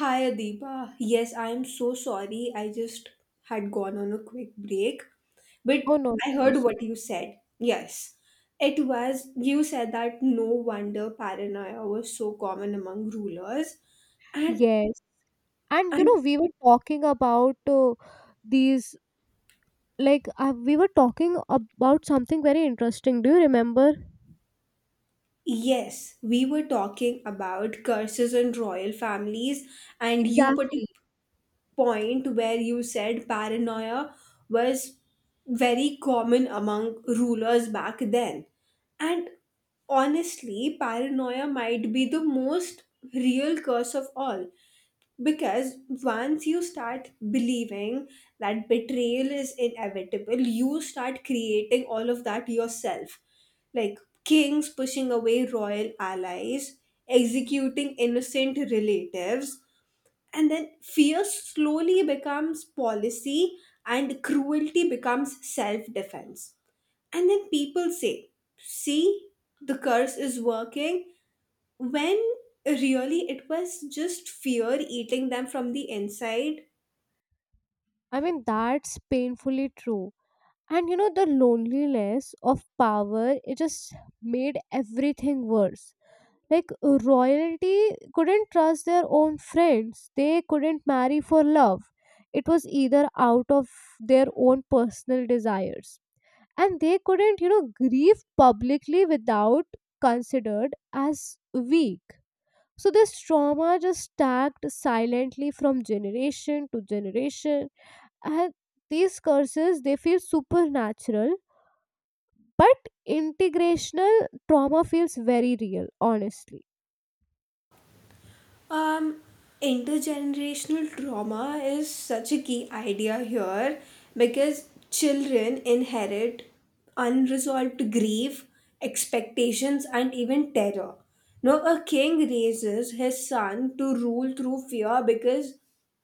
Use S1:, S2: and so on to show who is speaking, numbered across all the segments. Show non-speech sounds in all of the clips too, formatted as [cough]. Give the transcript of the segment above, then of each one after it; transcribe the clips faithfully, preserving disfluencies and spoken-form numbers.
S1: Hi, Adiba. Yes, I am so sorry. I just had gone on a quick break, but
S2: Oh, no
S1: I heard
S2: issues.
S1: what you said. Yes, it was. You said that no wonder paranoia was so common among rulers, and
S2: Yes. And you
S1: and
S2: know, we were talking about uh, these, like, uh, we were talking about something very interesting. Do you remember?
S1: yes, we were talking about curses and royal families, and you particularly
S2: Exactly.
S1: point where you said paranoia was very common among rulers back then. And honestly, paranoia might be the most real curse of all because once you start believing that betrayal is inevitable, you start creating all of that yourself. Like kings pushing away royal allies, executing innocent relatives, and then fear slowly becomes policy and cruelty becomes self defense and then people say see the curse is working when really it was just fear eating them from the inside.
S2: I mean, that's painfully true. And you know, the loneliness of power, it just made everything worse. Like, royalty couldn't trust their own friends, they couldn't marry for love. It was either out of their own personal desires, and they couldn't, you know, grieve publicly without considered as weak. So this trauma just stacked silently from generation to generation, and these curses, they feel supernatural, but integrational trauma feels very real, honestly.
S1: Um, Intergenerational trauma is such a key idea here because children inherit unresolved grief, expectations, and even terror. Now, a king raises his son to rule through fear because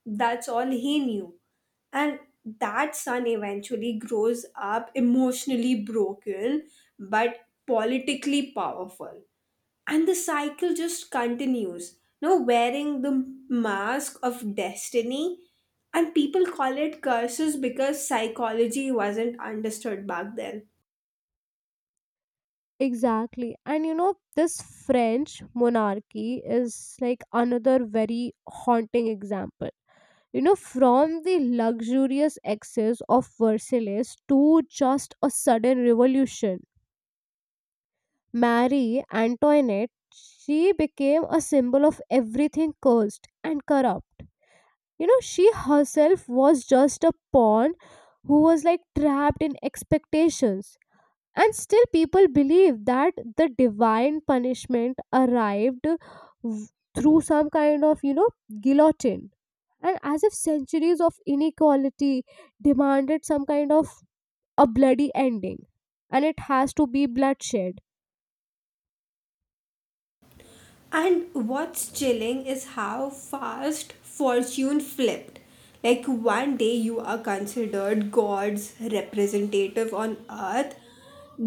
S1: that's all he knew. And that son eventually grows up emotionally broken but politically powerful, and the cycle just continues no wearing the mask of destiny, and people call it curses because psychology wasn't understood back then.
S2: Exactly. And you know, this French monarchy is like another very haunting example. You know, from the luxurious excess of Versailles to just a sudden revolution, Marie Antoinette, she became a symbol of everything cursed and corrupt. You know, she herself was just a pawn who was like trapped in expectations, and still people believe that the divine punishment arrived w- through some kind of, you know, guillotine, and as if centuries of inequality demanded some kind of a bloody ending, and it has to be bloodshed.
S1: And what's chilling is how fast fortune flipped. Like one day you are considered god's representative on earth,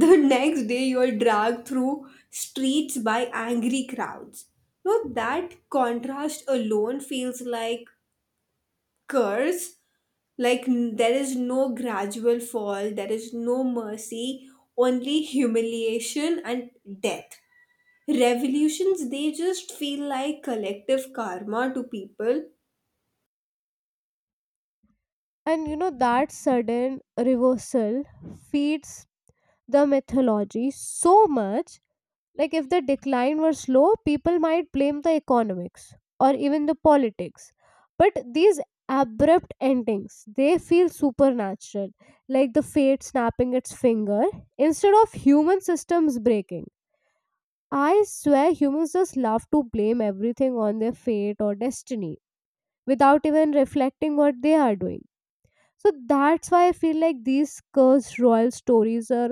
S1: the next day you're dragged through streets by angry crowds. No, that contrast alone feels like curse. Like n- there is no gradual fall, there is no mercy, only humiliation and death. Revolutions they just feel like collective karma to people.
S2: And you know, that sudden reversal feeds the mythology so much. Like, if the decline were slow, people might blame the economics or even the politics, but these abrupt endings, they feel supernatural, like the fate snapping its finger instead of human systems breaking. I swear humans just love to blame everything on their fate or destiny without even reflecting what they are doing. So that's why I feel like these cursed royal stories are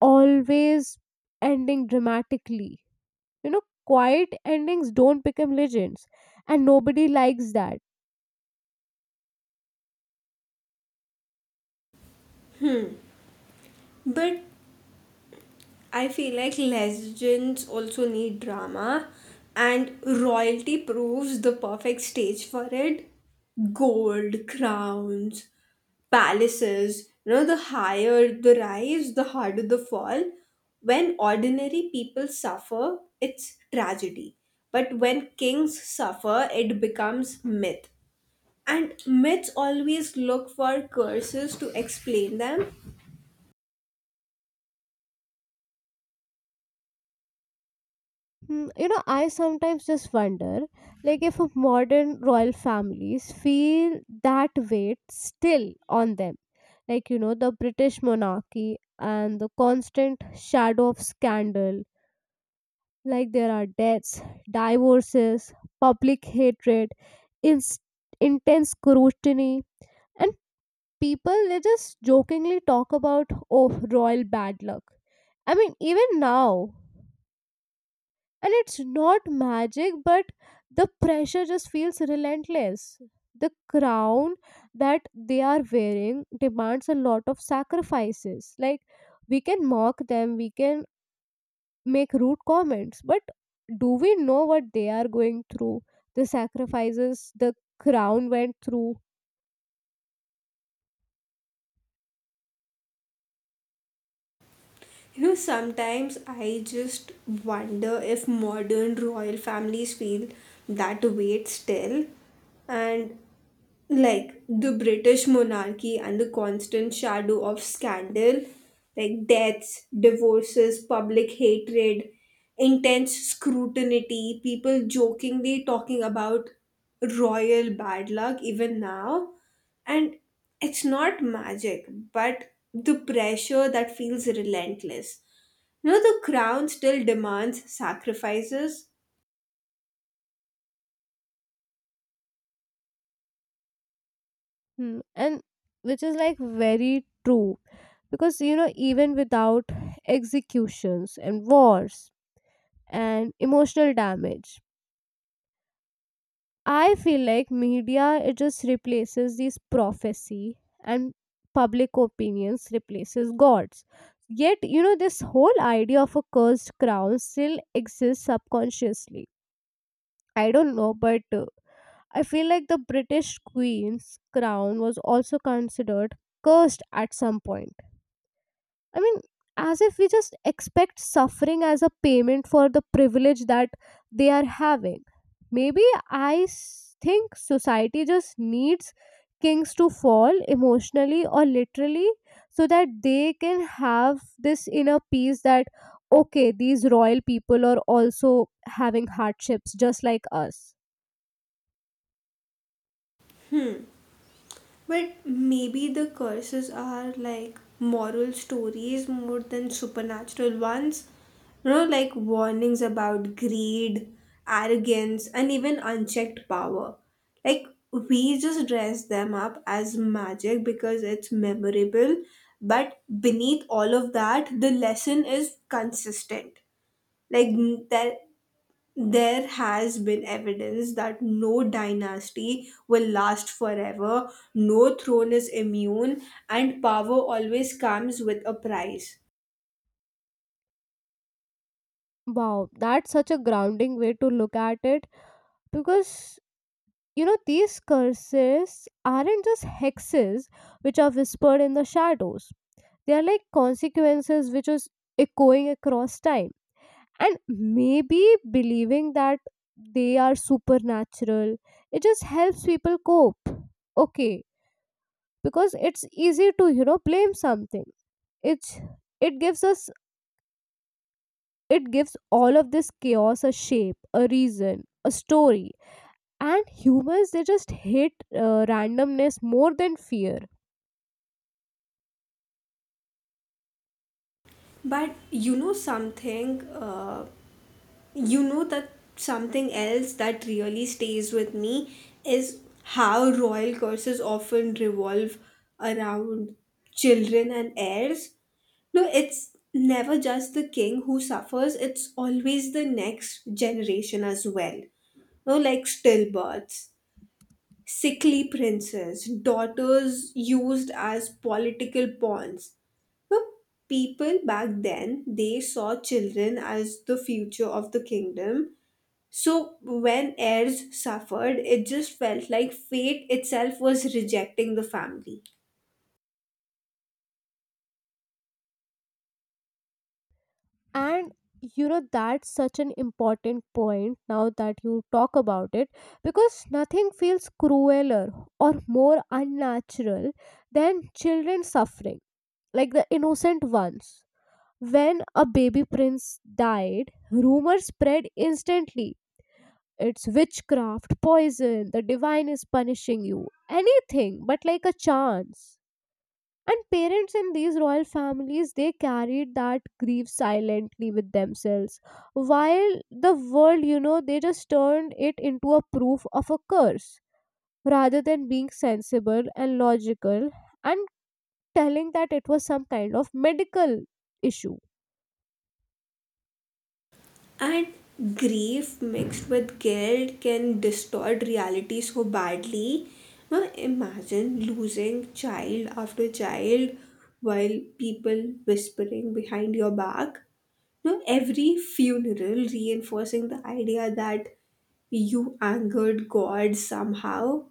S2: always ending dramatically. You know, quiet endings don't become legends, and nobody likes that.
S1: But I feel like legends also need drama, and royalty proves the perfect stage for it. Gold, crowns, palaces, you know, the higher the rise, the harder the fall. When ordinary people suffer, it's tragedy. But when kings suffer, it becomes myth. And myths always look for curses to explain them.
S2: Hmm. You know, I sometimes just wonder, like, if a modern royal families feel that weight still on them, like, you know, the British monarchy and the constant shadow of scandal, like there are deaths, divorces, public hatred, inst- intense scrutiny, and people, they just jokingly talk about, oh, royal bad luck, I mean, even now, and it's not magic, but the pressure just feels relentless. The crown that they are wearing demands a lot of sacrifices. Like, we can mock them, we can make rude comments, but do we know what they are going through, the sacrifices the crown went through?
S1: You know, sometimes I just wonder if modern royal families feel that weight still. And like the British monarchy and the constant shadow of scandal, like deaths, divorces, public hatred, intense scrutiny, people jokingly talking about royal bad luck even now. And it's not magic, but the pressure that feels relentless. You know, the crown still demands sacrifices.
S2: Hmm. And which is like very true, because you know, even without executions and wars and emotional damage, I feel like media, it just replaces these prophecy, and public opinions replaces gods. Yet, you know, this whole idea of a cursed crown still exists subconsciously. I don't know, but uh, I feel like the British Queen's crown was also considered cursed at some point. I mean, as if we just expect suffering as a payment for the privilege that they are having. Maybe I s- think society just needs kings to fall emotionally or literally, so that they can have this inner peace that, okay, these royal people are also having hardships just like us.
S1: But maybe the curses are like moral stories more than supernatural ones. You know, like warnings about greed, arrogance, and even unchecked power. Like, we just dress them up as magic because it's memorable. But beneath all of that, the lesson is consistent. Like, n- there there has been evidence that no dynasty will last forever, no throne is immune, and power always comes with a price.
S2: Wow, that's such a grounding way to look at it, because you know, these curses aren't just hexes which are whispered in the shadows, they are like consequences which is echoing across time. And maybe believing that they are supernatural, it just helps people cope. Okay, because it's easy to, you know, blame something. It's, it gives us, it gives all of this chaos a shape, a reason, a story, and humans, they just hate uh, randomness more than fear.
S1: But you know something, uh, you know that something else that really stays with me is how royal curses often revolve around children and heirs. No, it's never just the king who suffers, it's always the next generation as well. No, like stillbirths, sickly princes, daughters used as political pawns. No, people back then they saw children as the future of the kingdom. So when heirs suffered, it just felt like fate itself was rejecting the family.
S2: And you know, that's such an important point now that you talk about it, because nothing feels crueler or more unnatural than children suffering, like the innocent ones. When a baby prince died, rumors spread instantly. It's witchcraft, poison, the divine is punishing you, anything but like a chance. And parents in these royal families, they carried that grief silently with themselves, while the world, you know, they just turned it into a proof of a curse rather than being sensible and logical and telling that it was some kind of medical issue.
S1: And grief mixed with guilt can distort reality so badly. Now imagine losing child after child while people whispering behind your back. Now every funeral reinforcing the idea that you angered God somehow.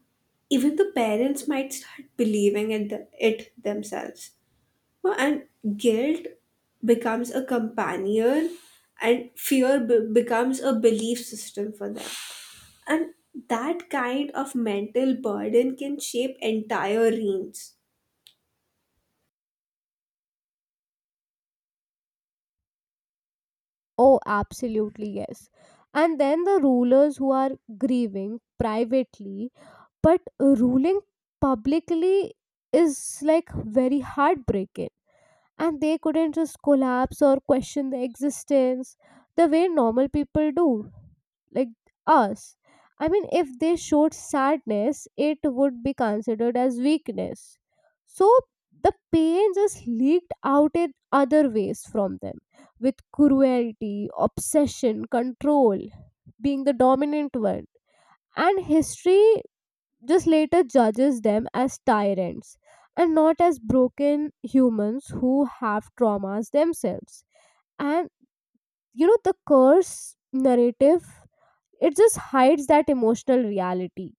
S1: Even the parents might start believing in it themselves. Well, and guilt becomes a companion, and fear be- becomes a belief system for them. And that kind of mental burden can shape entire reigns.
S2: Oh, absolutely, yes. And then the rulers who are grieving privately but ruling publicly is like very heartbreaking. And they couldn't just collapse or question the existence the way normal people do, like us. I mean, if they showed sadness, it would be considered as weakness. So the pain just leaked out in other ways from them, with cruelty, obsession, control being the dominant one. And history this later judges them as tyrants and not as broken humans who have traumas themselves. And you know, the curse narrative, it just hides that emotional reality.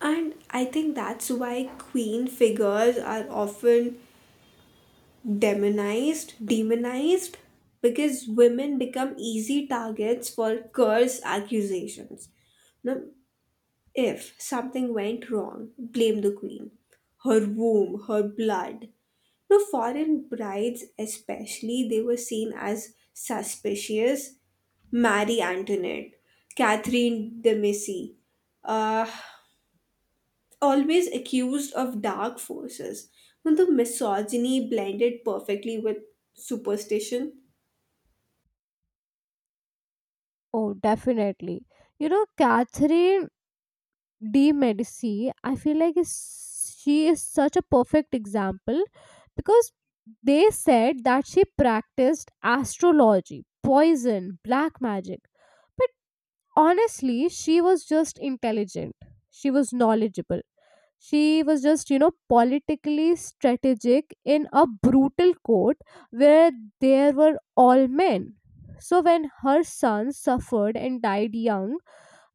S1: And I think that's why queen figures are often demonized, demonized, because women become easy targets for curse accusations. Now, if something went wrong, blame the queen. Her womb, her blood. No foreign brides, especially, they were seen as suspicious. Marie Antoinette, Catherine de Medici, uh, always accused of dark forces. When the misogyny blended perfectly with superstition.
S2: Oh, definitely. You know, Catherine de' Medici, I feel like is, she is such a perfect example, because they said that she practiced astrology, poison, black magic. Honestly, she was just intelligent, she was knowledgeable, she was just, you know, politically strategic in a brutal court where there were all men. So when her son suffered and died young,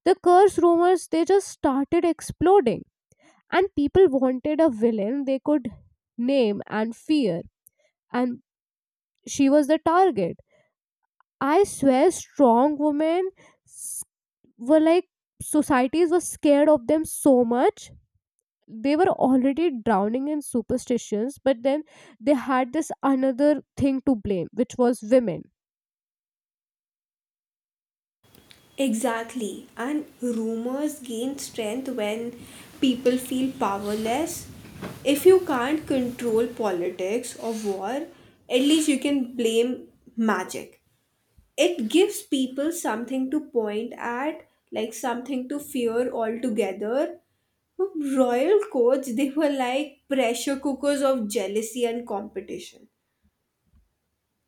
S2: the curse rumors, they just started exploding, and people wanted a villain they could name and fear, and she was the target. I swear strong women were like, societies were scared of them so much, they were already drowning in superstitions, but then they had this another thing to blame, which was women.
S1: Exactly. And rumors gain strength when people feel powerless. If you can't control politics or war, at least you can blame magic. It gives people something to point at, like something to fear altogether. Royal courts, they were like pressure cookers of jealousy and competition.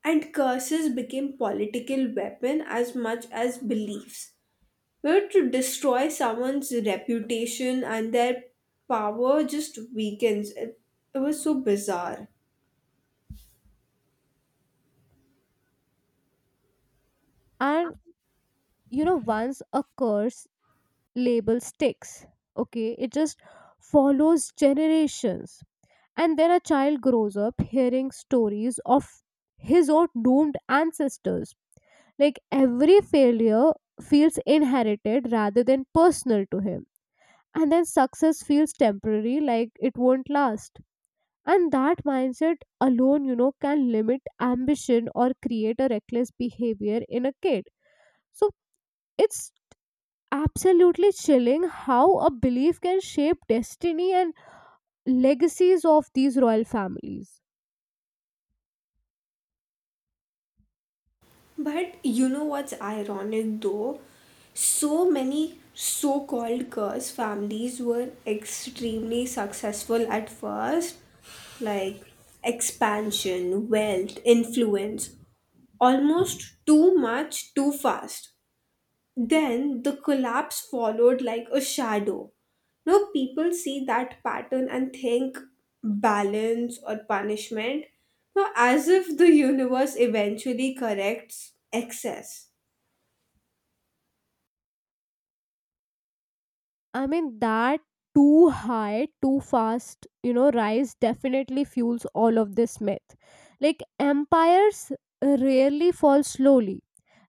S1: And curses became political weapon as much as beliefs where to destroy someone's reputation and their power just weakens. It, it was so bizarre.
S2: And you know, once a curse label sticks, okay, it just follows generations. And then a child grows up hearing stories of his or doomed ancestors, like every failure feels inherited rather than personal to him, and then success feels temporary, like it won't last. And that mindset alone, you know, can limit ambition or create a reckless behavior in a kid. So it's absolutely chilling how a belief can shape destiny and legacies of these royal families.
S1: But you know what's ironic though? So many so called girls' families were extremely successful at first, like expansion, wealth, influence, almost too much, too fast. Then the collapse followed like a shadow. Now people see that pattern and think balance or punishment. Now, as if the universe eventually corrects excess.
S2: I mean, that too high, too fast, you know, rise definitely fuels all of this myth. Like, empires rarely fall slowly,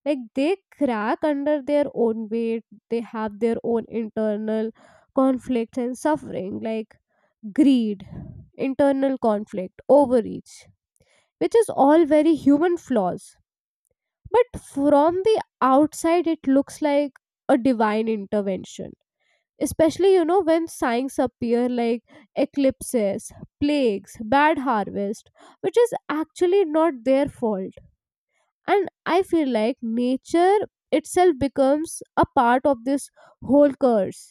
S2: like they crack under their own weight. They have their own internal conflicts and suffering, like greed, internal conflict, overreach, which is all very human flaws. But from the outside, it looks like a divine intervention, especially, you know, when signs appear like eclipses, plagues, bad harvest, which is actually not their fault. And I feel like nature itself becomes a part of this whole curse.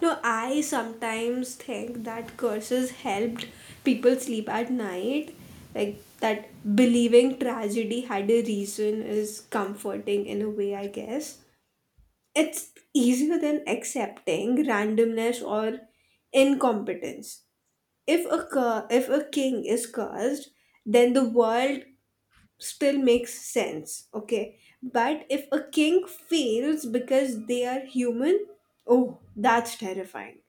S1: Now, I sometimes think that curses helped people sleep at night. Like that believing tragedy had a reason is comforting in a way, I guess. It's easier than accepting randomness or incompetence. If a cur- if a king is cursed, then the world still makes sense. Okay, but if a king fails because they are human, oh, that's terrifying.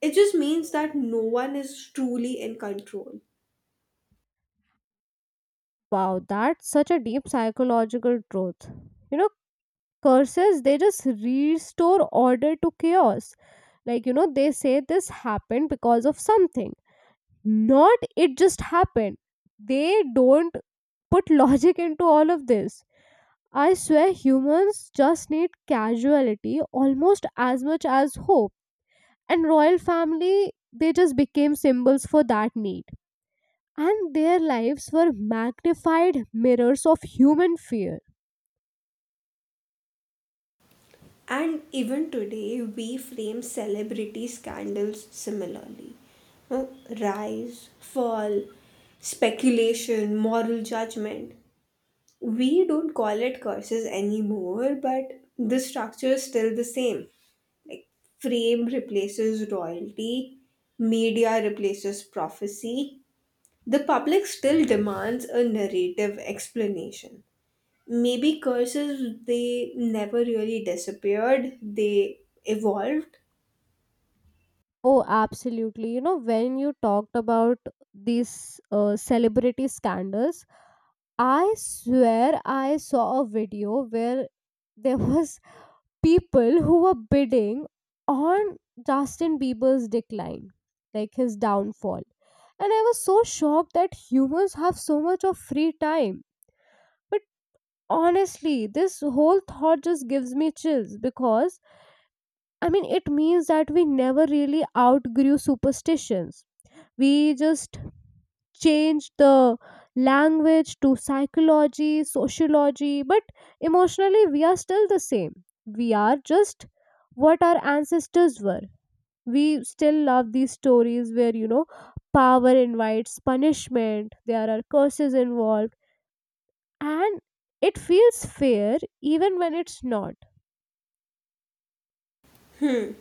S1: It just means that no one is truly in control.
S2: Wow, that's such a deep psychological truth. You know, curses, they just restore order to chaos. Like, you know, they say this happened because of something, not it just happened. They don't put [laughs] logic into all of this. I swear humans just need casuality almost as much as hope. And royal family, they just became symbols for that need, and their lives were magnified mirrors of human fear.
S1: And even today, we frame celebrity scandals similarly. Uh, Rise, fall, speculation, moral judgment. We don't call it curses anymore, but the structure is still the same. Like, fame replaces royalty, media replaces prophecy. The public still demands a narrative explanation. Maybe curses, they never really disappeared, they evolved.
S2: Oh, absolutely. You know, when you talked about these uh, celebrity scandals, I swear I saw a video where there was [laughs] people who were bidding on Justin Bieber's decline, like his downfall. And I was so shocked that humans have so much of free time. But honestly, this whole thought just gives me chills, because I mean, it means that we never really outgrew superstitions. We just changed the language to psychology, sociology, but emotionally we are still the same. We are just what our ancestors were. We still love these stories where, you know, power invites punishment, there are curses involved, and it feels fair even when it's not.
S1: Hmm.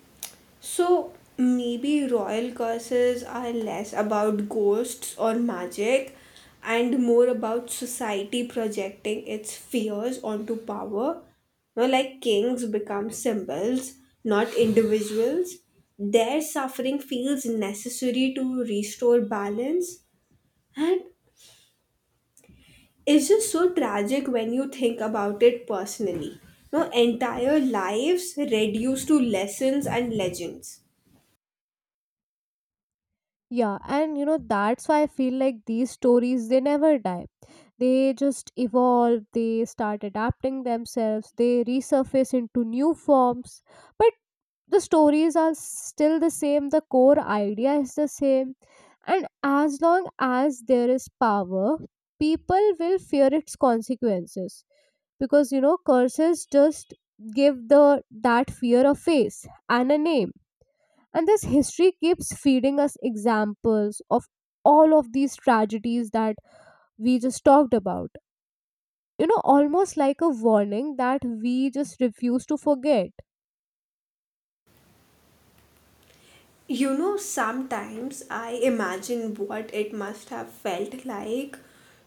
S1: So maybe royal curses are less about ghosts or magic and more about society projecting its fears onto power. Now, like kings become symbols, not individuals. Their suffering feels necessary to restore balance. And it's just so tragic when you think about it personally. No, entire lives reduced to lessons and legends.
S2: Yeah, and you know, that's why I feel like these stories, they never die. They just evolve, they start adapting themselves, they resurface into new forms. But the stories are still the same, the core idea is the same. And as long as there is power, people will fear its consequences. Because you know, curses just give the, that fear a face and a name. And this history keeps feeding us examples of all of these tragedies that we just talked about. You know, almost like a warning that we just refuse to forget.
S1: You know, sometimes I imagine what it must have felt like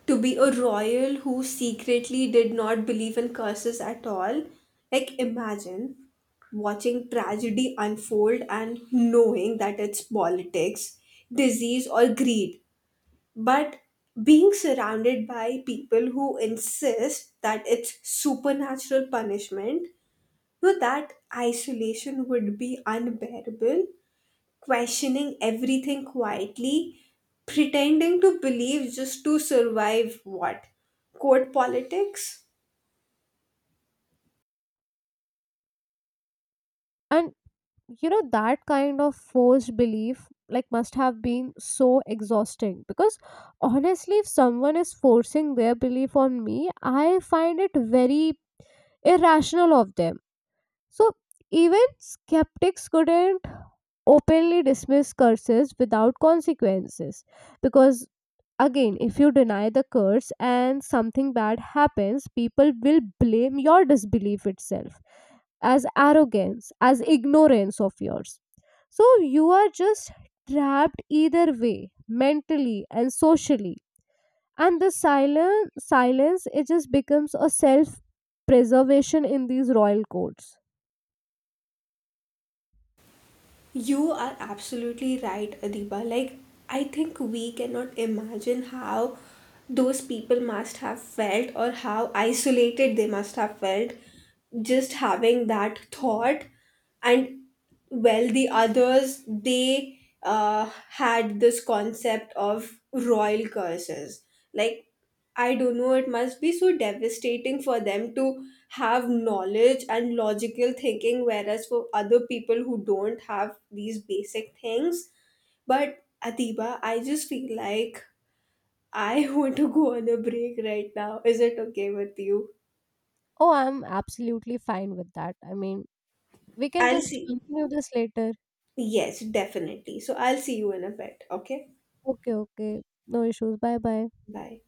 S1: to be a royal who secretly did not believe in curses at all. Like, imagine watching tragedy unfold and knowing that it's politics, disease, or greed but being surrounded by people who insist that it's supernatural punishment. No, that isolation would be unbearable, questioning everything quietly, pretending to believe just to survive what, court politics.
S2: And, you know, that kind of forced belief, like, must have been so exhausting. Because honestly, if someone is forcing their belief on me, I find it very irrational of them. So, even skeptics couldn't openly dismiss curses without consequences, because again, if you deny the curse and something bad happens, people will blame your disbelief itself as arrogance, as ignorance of yours. So you are just trapped either way, mentally and socially. And the silent silence it just becomes a self preservation in these royal codes.
S1: You are absolutely right, Adiba. Like, I think we cannot imagine how those people must have felt or how isolated they must have felt just having that thought. And well, the others, they uh, had this concept of royal curses. Like, I don't know, it must be so devastating for them to have knowledge and logical thinking, whereas for other people who don't have these basic things. But Atiba, I just feel like I [laughs] want to go on a break right now. Is it okay with you?
S2: Oh, I'm absolutely fine with that. I mean, we can
S1: I'll
S2: just
S1: see.
S2: continue this later.
S1: Yes, definitely. So I'll see you in a bit. Okay?
S2: Okay, okay. No issues. Bye bye.
S1: Bye.